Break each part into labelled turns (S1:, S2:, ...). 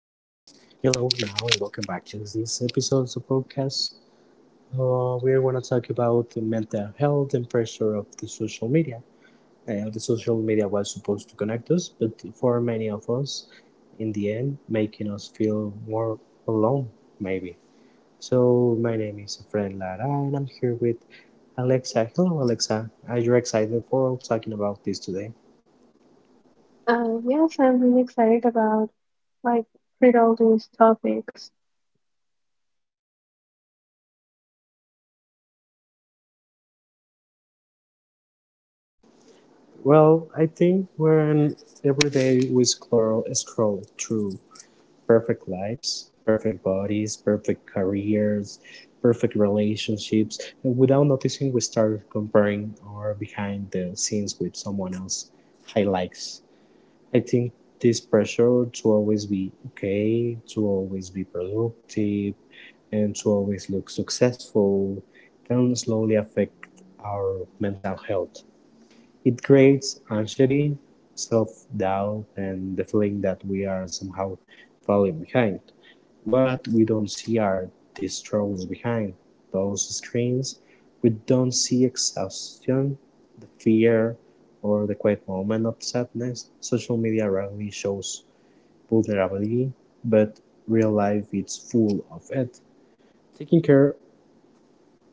S1: Hello now and welcome back to this episode of the podcast. We're going to talk about the mental health and pressure of the social media. The social media was supposed to connect us, but for many of us, in the end, making us feel more alone, maybe. So my name is Fred Lara and I'm here with Alexa. Hello Alexa, are you excited for talking about this today?
S2: Yes, I'm really excited about like treat all those topics.
S1: Well, I think when every day we scroll, scroll through perfect lives, perfect bodies, perfect careers, perfect relationships. And without noticing, we start comparing our behind the scenes with someone else' highlights. I think this pressure to always be okay, to always be productive, and to always look successful can slowly affect our mental health. It creates anxiety, self doubt, and the feeling that we are somehow falling behind. What we don't see are the struggles behind those screens. We don't see exhaustion, the fear, or the quiet moment of sadness. Social media rarely shows vulnerability, but real life is full of it. Taking care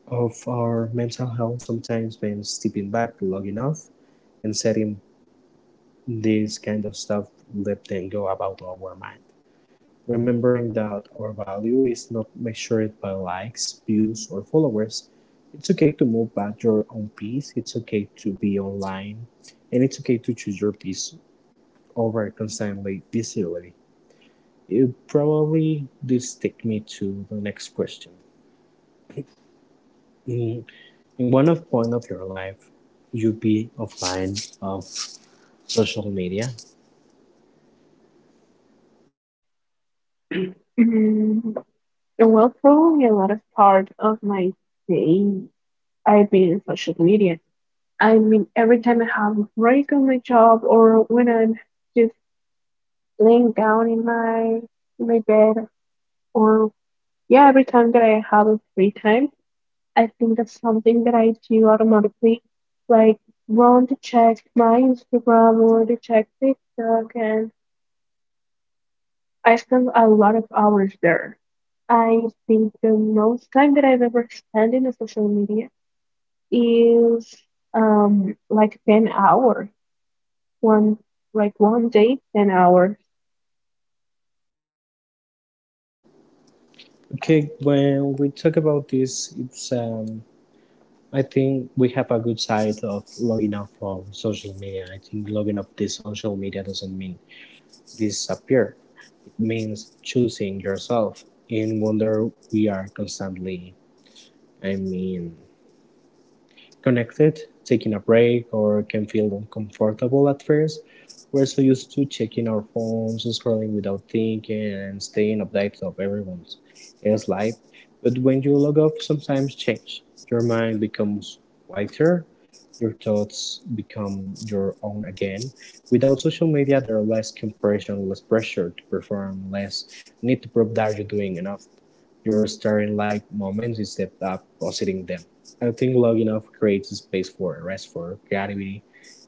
S1: of our mental health sometimes means stepping back long enough and setting this kind of stuff, let them go about our mind. Remembering that our value is not measured by likes, views, or followers. It's okay to move at your own pace. It's okay to be online. And it's okay to choose your peace over constantly visibility. It probably this take me to the next question. In, in one of point of your life, you be offline of social media.
S2: Mm, well, probably a lot of part of my day I've been in social media. I mean, every time I have a break on my job or when I'm just laying down in my bed or yeah, every time that I have a free time, I think that's something that I do automatically, like want to check my Instagram or to check TikTok and I spent a lot of hours there. I think the most time that I've ever spent in the social media is like 10 hours. One like one day, 10 hours.
S1: Okay, when we talk about this, it's I think we have a good side of logging off of social media. I think logging off the social media doesn't mean disappear. It means choosing yourself. In wonder, we are constantly, I mean, connected, taking a break, or can feel uncomfortable at first. We're so used to checking our phones, scrolling without thinking, and staying updated of everyone else's life. But when you log off, sometimes change. Your mind becomes quieter, your thoughts become your own again. Without social media, there are less compression, less pressure to perform, less need to prove that you're doing enough. Your starry-like moments instead of positing them. I think logging off creates a space for rest, for creativity,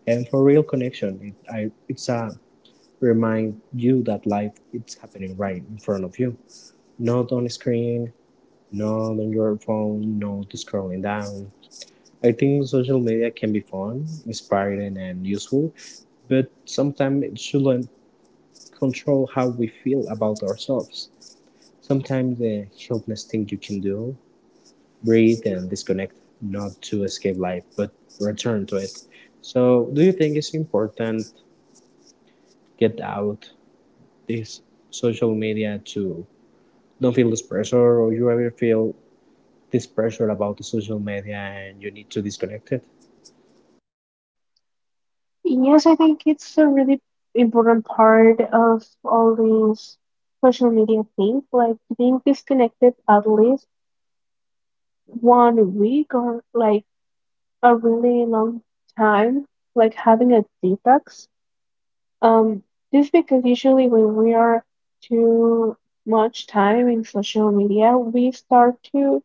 S1: and for real connection. It's a remind you that life it's happening right in front of you, not on a screen, not on your phone, not scrolling down. I think social media can be fun, inspiring, and useful, but sometimes it shouldn't control how we feel about ourselves. Sometimes the healthiest thing you can do breathe and disconnect, not to escape life, but return to it. So, do you think it's important get out this social media to don't feel this pressure, or you ever feel this pressure about the social media and you need to disconnect it?
S2: Yes, I think it's a really important part of all these social media things, like being disconnected at least one week or like a really long time, like having a detox Um, this because usually when we are too much time in social media, we start to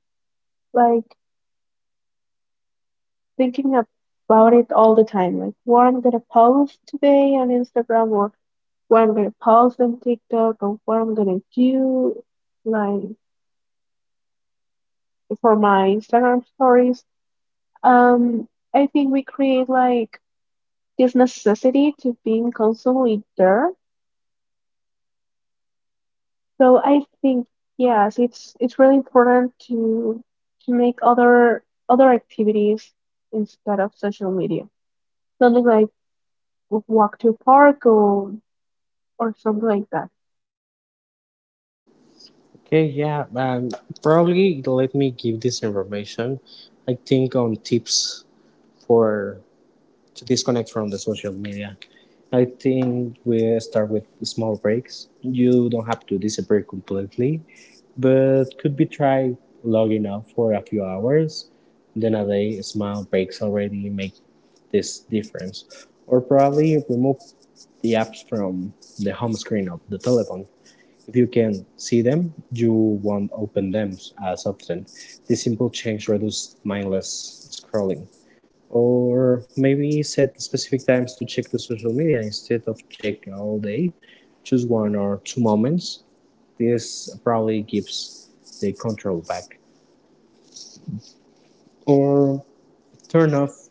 S2: like thinking about it all the time. Like what I'm gonna post today on Instagram or what I'm gonna post on TikTok or what I'm gonna do like for my Instagram stories. Um, I think we create like this necessity to being constantly there. So I think yes, it's really important to make other activities instead of social media. Something like walk to a park or something like that.
S1: Okay, yeah, probably let me give this information. I think on tips for to disconnect from the social media. I think we start with small breaks. You don't have to disappear completely, but could be tried logging off for a few hours. Then a day, small breaks already make this difference. Or probably remove the apps from the home screen of the telephone. If you can see them, you won't open them as often. This simple change reduces mindless scrolling. Or maybe set specific times to check the social media instead of check all day. Choose one or two moments this probably gives the control back. Or turn off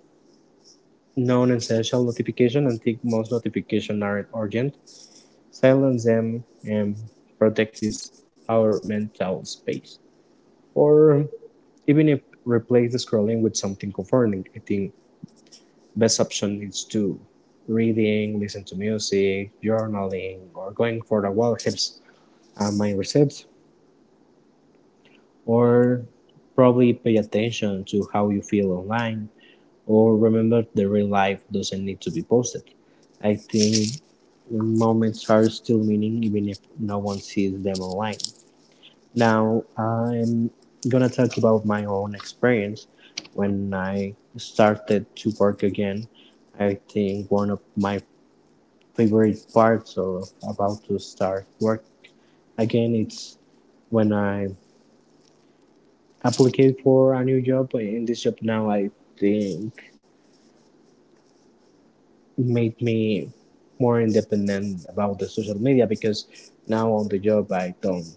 S1: non-essential notification and tick most notification are not urgent. Silence them and protect this our mental space. Or even if replace the scrolling with something comforting, I think best option is to reading, listen to music, journaling, or going for a walk helps mind reset. Or probably pay attention to how you feel online or remember the real life doesn't need to be posted. I think moments are still meaning even if no one sees them online. Now I'm gonna talk about my own experience. When I started to work again, I think one of my favorite parts of about to start work again it's when I applied for a new job in this job now I think made me more independent about the social media because now on the job I don't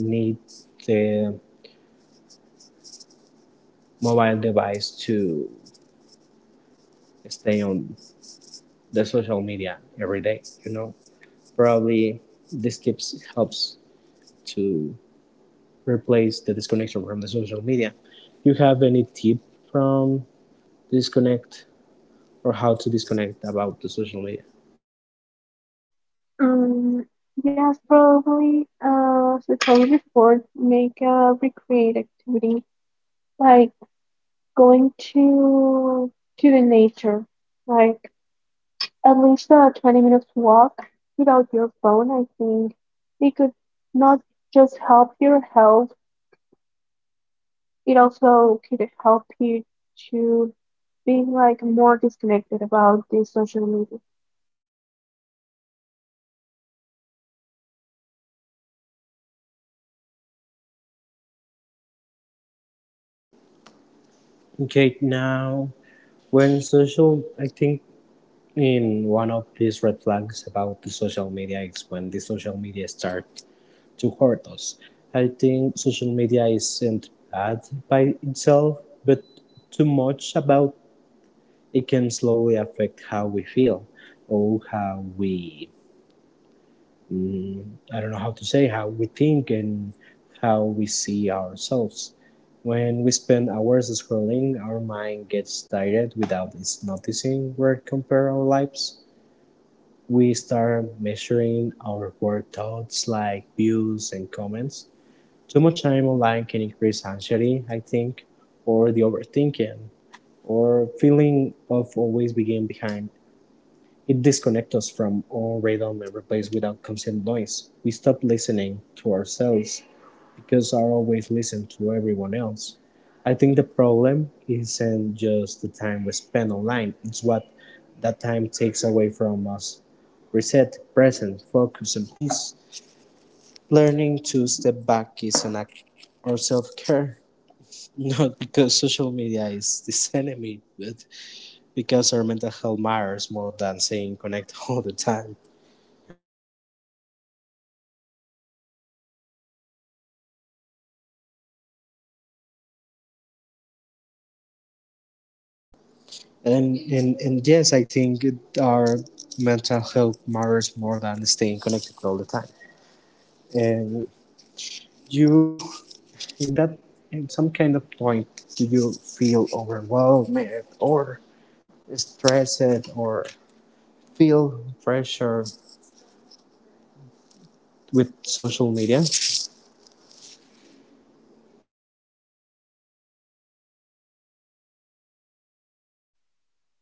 S1: need the mobile device to stay on the social media every day. You know, probably this tips helps to replace the disconnection from the social media. You have any tip from disconnect or how to disconnect about the social media?
S2: Um, yes, probably probably before make a recreate activity like going to the nature, like at least a 20 minutes walk without your phone, I think it could not just help your health, it also could help you to be like more disconnected about this social media.
S1: Okay, now when social, I think in one of these red flags about the social media is when the social media start to hurt us. I think social media isn't bad by itself, but too much about it can slowly affect how we feel or how we, I don't know how to say, how we think and how we see ourselves. When we spend hours scrolling, our mind gets tired without us noticing. We're compare our lives. We start measuring our work thoughts like views and comments. Too much time online can increase anxiety, I think, or the overthinking, or feeling of always being behind. It disconnects us from all rhythm and replaces without constant noise. We stop listening to ourselves because are always listening to everyone else. I think the problem isn't just the time we spend online, it's what that time takes away from us. Reset, present, focus, and peace. Learning to step back is an act or self care. Not because social media is this enemy, but because our mental health matters more than saying connect all the time. And yes, I think it, our mental health matters more than staying connected all the time. And you, in that, in some kind of point, do you feel overwhelmed or stressed or feel pressure with social media?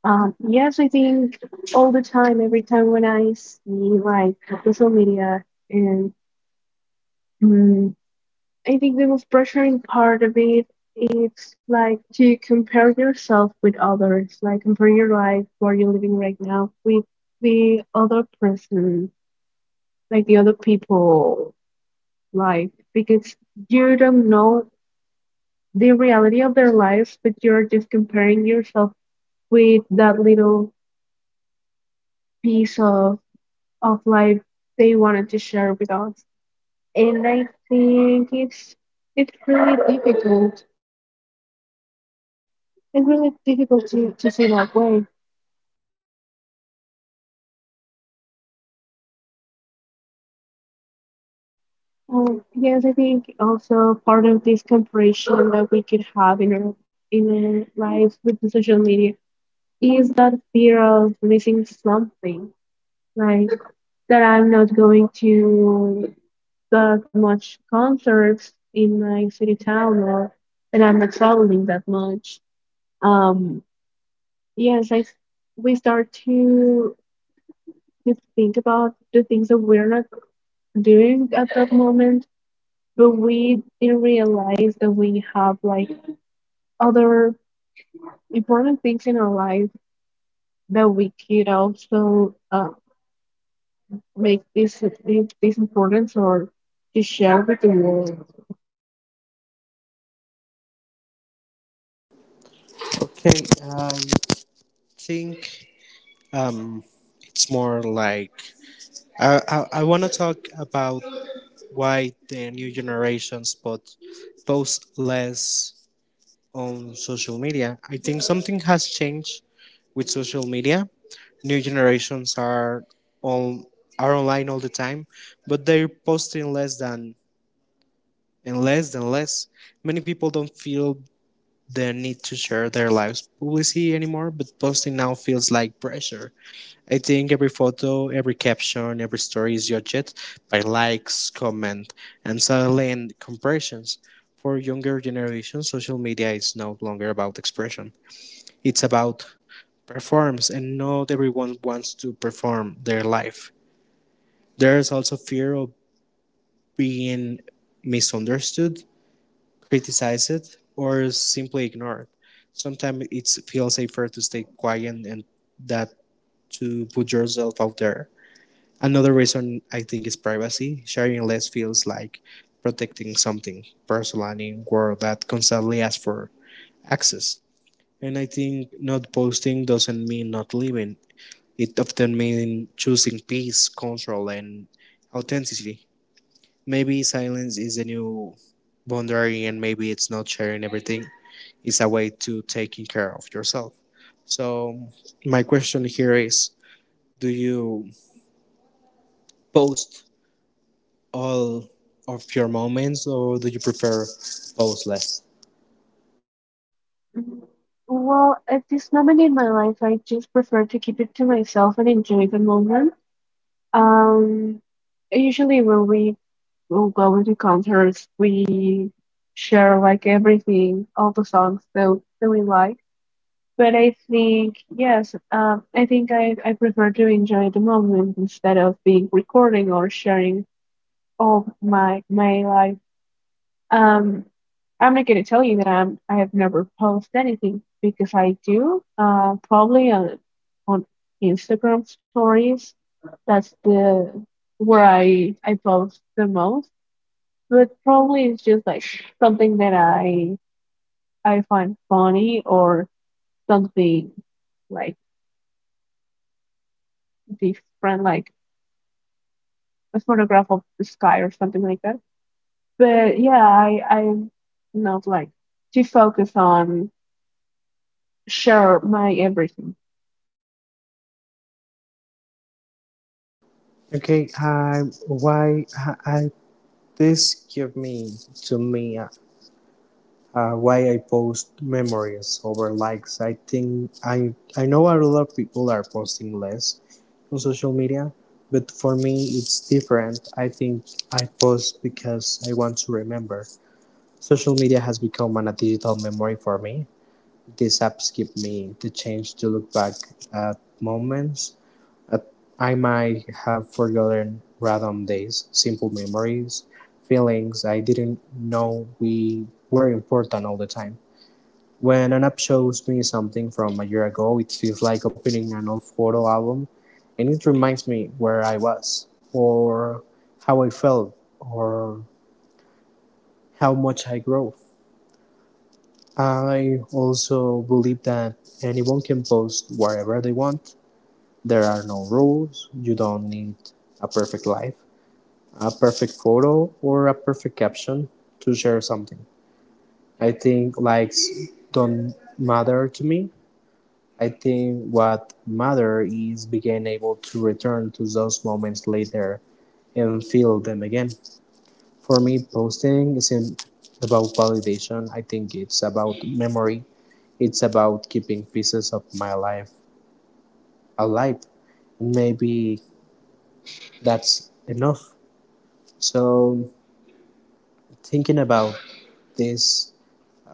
S2: Yes, I think all the time, every time when I see like social media and mm, I think the most pressuring part of it it's like to compare yourself with others, like compare your life where you're living right now with the other person, like the other people life, because you don't know the reality of their lives, but you're just comparing yourself with that little piece of life they wanted to share with us. And I think it's really difficult. It's really difficult to see that way. Oh yes, I think also part of this comparison that we could have in our lives with the social media is that fear of missing something, like that I'm not going to that much concerts in my city town, or that I'm not traveling that much. Um, yes, I we start to think about the things that we're not doing at that moment but we didn't realize that we have like other important things in our life that we could also make this importance or to share with the world.
S1: Okay, I think um, it's more like I want to talk about why the new generations put post less on social media. I think something has changed with social media. New generations on are online all the time, but they're posting less than and less and less. Many people don't feel the need to share their lives publicly anymore, but posting now feels like pressure. I think every photo, every caption, every story is judged by likes, comment, and suddenly and comparisons. For younger generations, social media is no longer about expression, it's about performs, and not everyone wants to perform their life. There's also fear of being misunderstood, criticized, or simply ignored. Sometimes it feels safer to stay quiet and that to put yourself out there. Another reason I think is privacy, sharing less feels like protecting something personal in a world that constantly asks for access. And I think not posting doesn't mean not living. It often means choosing peace, control, and authenticity. Maybe silence is a new boundary, and maybe it's not sharing everything. It's a way to taking care of yourself. So, my question here is, do you post all of your moments, or do you prefer post less?
S2: Well, at this moment in my life, I just prefer to keep it to myself and enjoy the moment. Um, Usually when we will go into concerts, we share like everything, all the songs that we like. But I think, yes, I think I prefer to enjoy the moment instead of being recording or sharing all my life. Um, I'm not gonna tell you that I have never posted anything because I do. Probably on on Instagram stories. That's the where I post the most. But probably it's just like something that I find funny or something like different, like a photograph of the sky or something like that. But yeah, I'm not like to focus on share my everything.
S1: Okay, I why I- This give me to me a why I post memories over likes. I think I know a lot of people are posting less on social media, but for me it's different. I think I post because I want to remember. Social media has become a digital memory for me. These apps give me the chance to look back at moments that I might have forgotten random days, simple memories, feelings I didn't know we were important all the time. When an app shows me something from a year ago, it feels like opening an old photo album and it reminds me where I was, or how I felt, or how much I grew. I also believe that anyone can post wherever they want. There are no rules, you don't need a perfect life, a perfect photo, or a perfect caption to share something. I think likes don't matter to me. I think what matters is being able to return to those moments later and feel them again. For me, posting isn't about validation. I think it's about memory. It's about keeping pieces of my life alive. And maybe that's enough. So, thinking about this,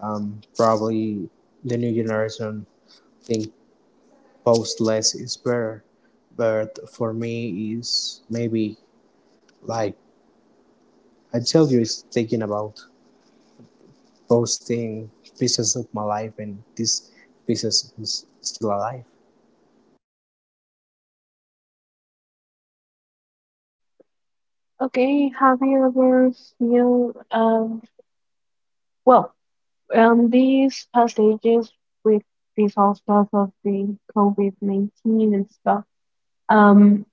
S1: probably the new generation think post less is better, but for me is maybe like I tell you, it's thinking about posting pieces of my life, and this pieces is still alive.
S2: Okay, have you ever feel well these past ages with this whole stuff of the COVID 19 and stuff. Um,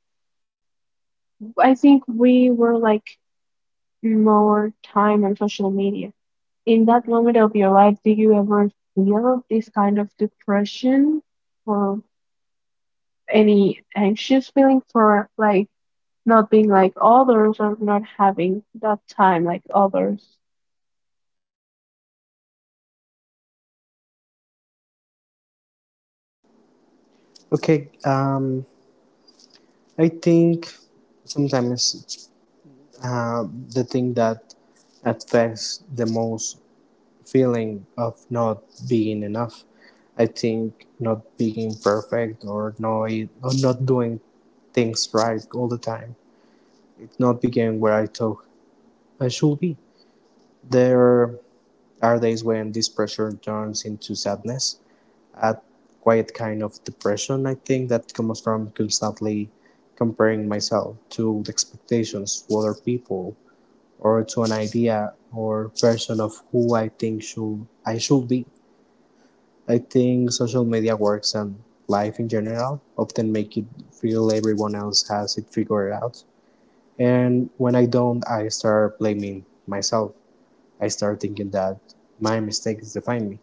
S2: I think we were like more time on social media. In that moment of your life, do you ever feel this kind of depression or any anxious feeling for like not being like others or not having that time like others?
S1: Okay, I think sometimes uh, the thing that affects the most feeling of not being enough. I think not being perfect or no, or not doing things right all the time. It's not being where I thought I should be. There are days when this pressure turns into sadness, a quiet kind of depression, I think, that comes from constantly comparing myself to the expectations of other people or to an idea or person of who I think should I should be. I think social media works and life in general often make it feel everyone else has it figured out. And when I don't, I start blaming myself. I start thinking that my mistakes define me.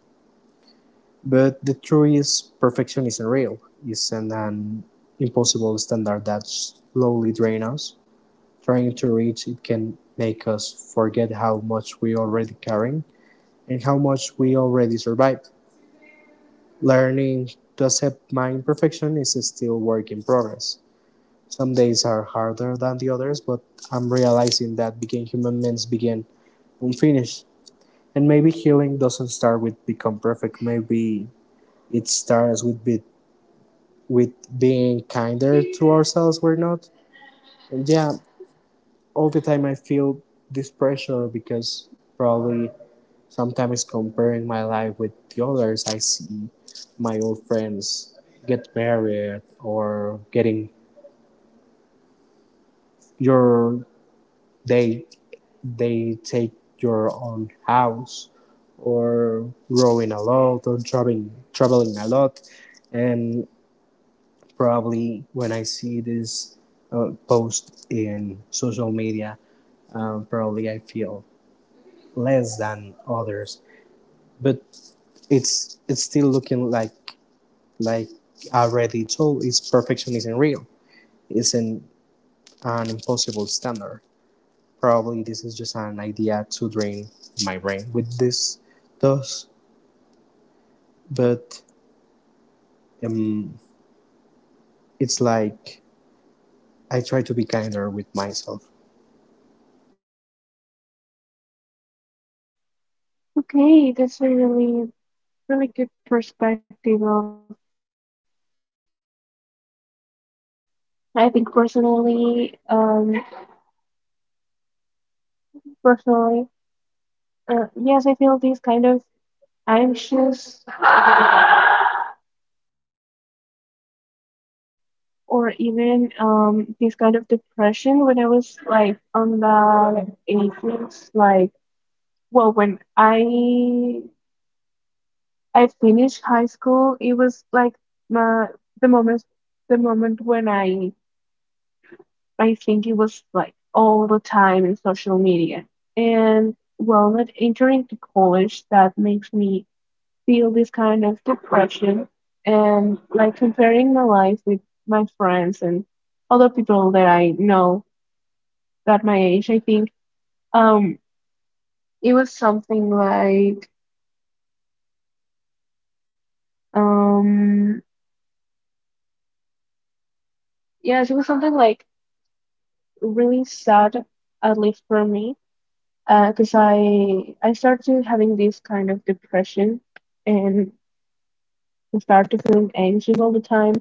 S1: But the truth is, perfection isn't real. It's an impossible standard that slowly drains us. Trying to reach it can make us forget how much we already carry and how much we already survived. Learning to accept my imperfection is a still work in progress. Some days are harder than the others, but I'm realizing that being human means begin unfinished. And maybe healing doesn't start with become perfect. Maybe it starts with be. With being kinder to ourselves we're not. And yeah, all the time I feel this pressure because probably sometimes comparing my life with the others I see my old friends get married or getting your they they take your own house or growing a lot or traveling a lot. And probably when I see this post in social media, probably I feel less than others. But it's still looking like I already told, it's perfection isn't real. It's an impossible standard. Probably this is just an idea to drain my brain with this thoughts, but um, it's like I try to be kinder with myself.
S2: Okay, that's a really really good perspective of of that of that part of our lives. I think personally, yes, I feel this kind of anxious or even this kind of depression when I was like on the ages like well when I finished high school it was like my the moment the moment when I think it was like all the time in social media and well not entering to college that makes me feel this kind of depression and like comparing my life with my friends and other people that I know got my age, I think. Um, it was something like, um, yes, it was something like really sad, at least for me, because I started having this kind of depression and started feeling anxious all the time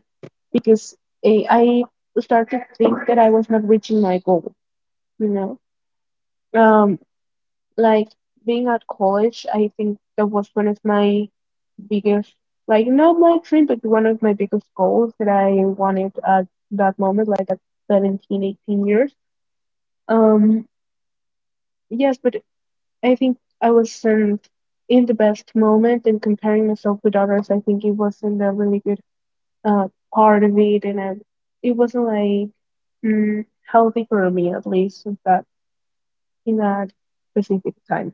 S2: because I, I started to think that I was not reaching my goal, you know. Um, like being at college, I think that was one of my biggest like not my dream but one of my biggest goals that I wanted at that moment like at 17, 18 years. um yes but I think I wasn't in the best moment and comparing myself with others I think it wasn't a really good uh part of it. It wasn't like healthy for me at least at that in that specific time.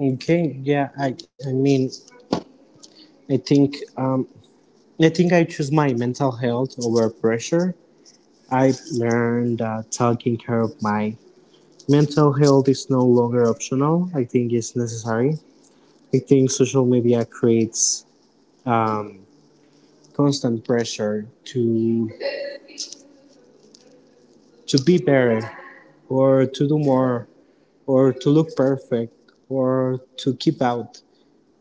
S1: Okay, yeah, I mean, I think I think I choose my mental health over pressure. I learned that taking care of my mental health is no longer optional. I think it's necessary. I think social media creates um, constant pressure to be better or to do more or to look perfect or to keep out.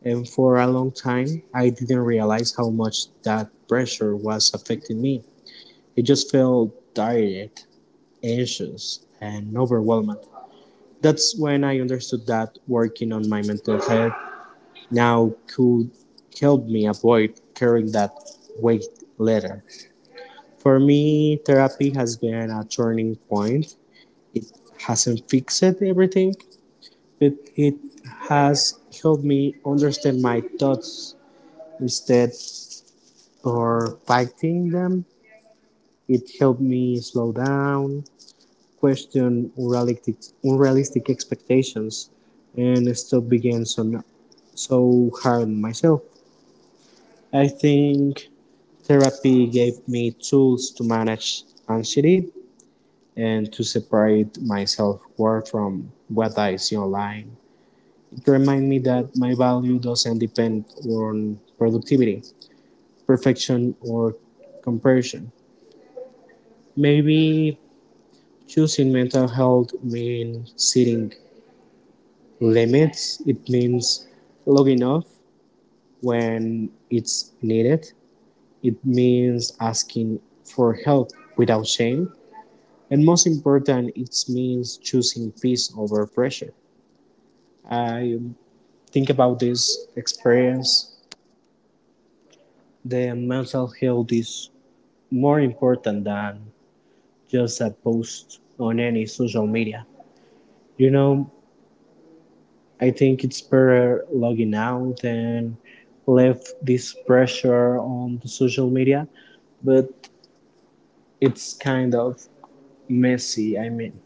S1: And for a long time, I didn't realize how much that pressure was affecting me. It just felt direct anxious and overwhelmed. That's when I understood that working on my mental health now could help me avoid carrying that weight later. For me, therapy has been a turning point. It hasn't fixed everything, but it has helped me understand my thoughts instead of fighting them. It helped me slow down, question unrealistic expectations and stop being so hard on myself. I think therapy gave me tools to manage anxiety and to separate my self worth from what I see online. It reminded me that my value doesn't depend on productivity, perfection, or comparison. Maybe choosing mental health means sitting limits. It means logging off when it's needed. It means asking for help without shame. And most important, it means choosing peace over pressure. I think about this experience. The mental health is more important than just a post on any social media. You know, I think it's better logging out and left this pressure on the social media, but it's kind of messy, I mean.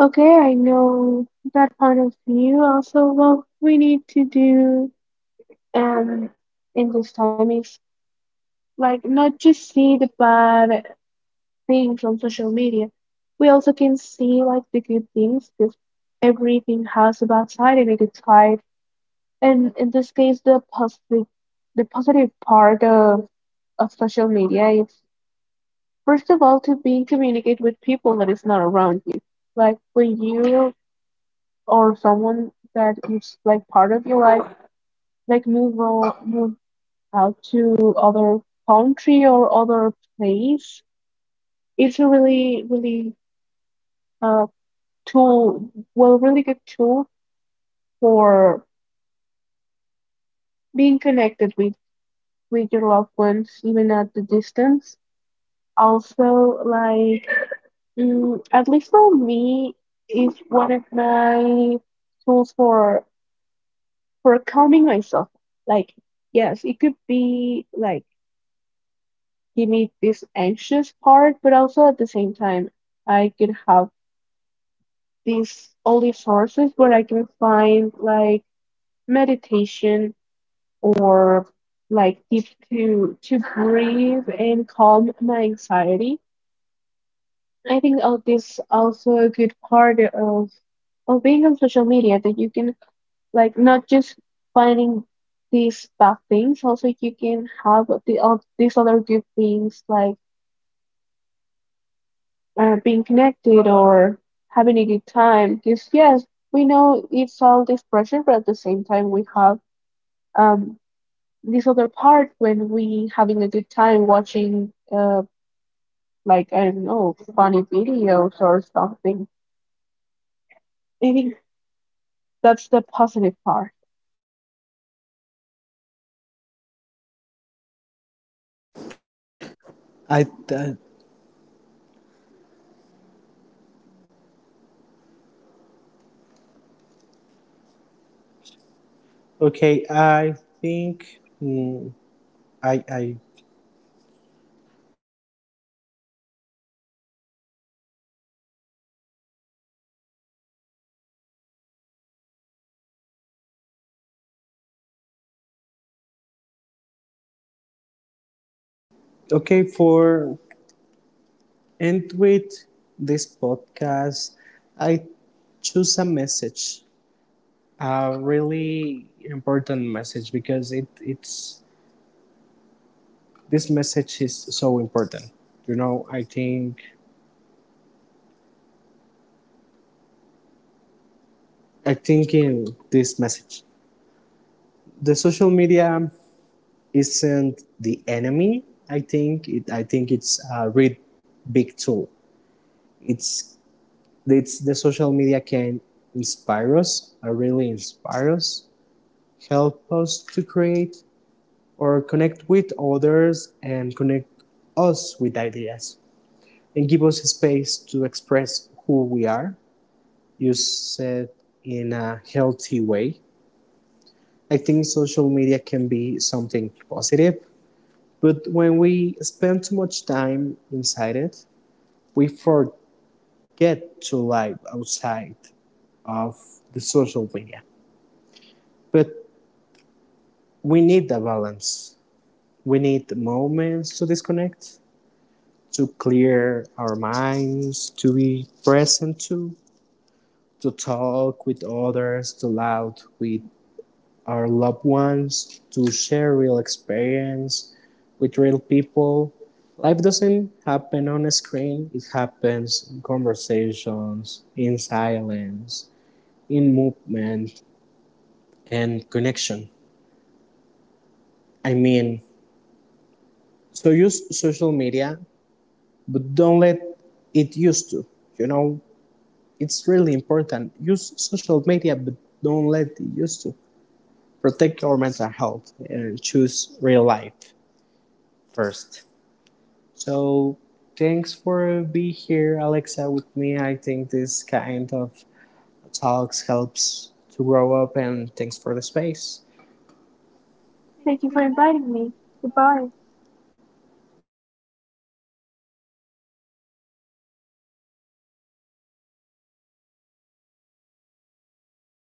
S2: Okay, I know that part of you also, well, we need to do, um in this time is like not just see the bad things on social media, we also can see like the good things because everything has a bad side and a good side. And in this case the positive, the positive part of social media is, first of all, to be in communicate with people that is not around you, like when you or someone that is like part of your life move out to other country or other place. It's a really, really uh, tool, really good tool for being connected with your loved ones, even at the distance. Also, like at least for me, is one of my tools for calming myself. Like, yes, it could be like give me this anxious part, but also at the same time, I could have these all these sources where I can find like meditation or like tips to breathe and calm my anxiety. I think all this also a good part of being on social media that you can like not just finding these bad things, also you can have the all these other good things like being connected or having a good time. Because yes, we know it's all this pressure, but at the same time, we have um, this other part when we having a good time watching like I don't know funny videos or something. I think that's the positive part.
S1: I th- okay. I think I okay for end with this podcast. I choose a message, a really important message because it it's this message is so important. You know, I think in this message, the social media isn't the enemy. I think it. I think it's a really big tool. It's it's the social media can inspire us, really inspire us, help us to create or connect with others and connect us with ideas and give us space to express who we are. You said in a healthy way. I think social media can be something positive, but when we spend too much time inside it, we forget to live outside of the social media. But we need the balance. We need moments to disconnect, to clear our minds, to be present to talk with others, to laugh with our loved ones, to share real experience with real people. Life doesn't happen on a screen, it happens in conversations, in silence, in movement, and connection. I mean, so use social media but don't let it use to, you know, it's really important use social media but don't let it use to protect your mental health and choose real life first. So thanks for being here Alexa with me. I think this kind of talks helps to grow up, and thanks for the space.
S2: Thank you for inviting me. Goodbye.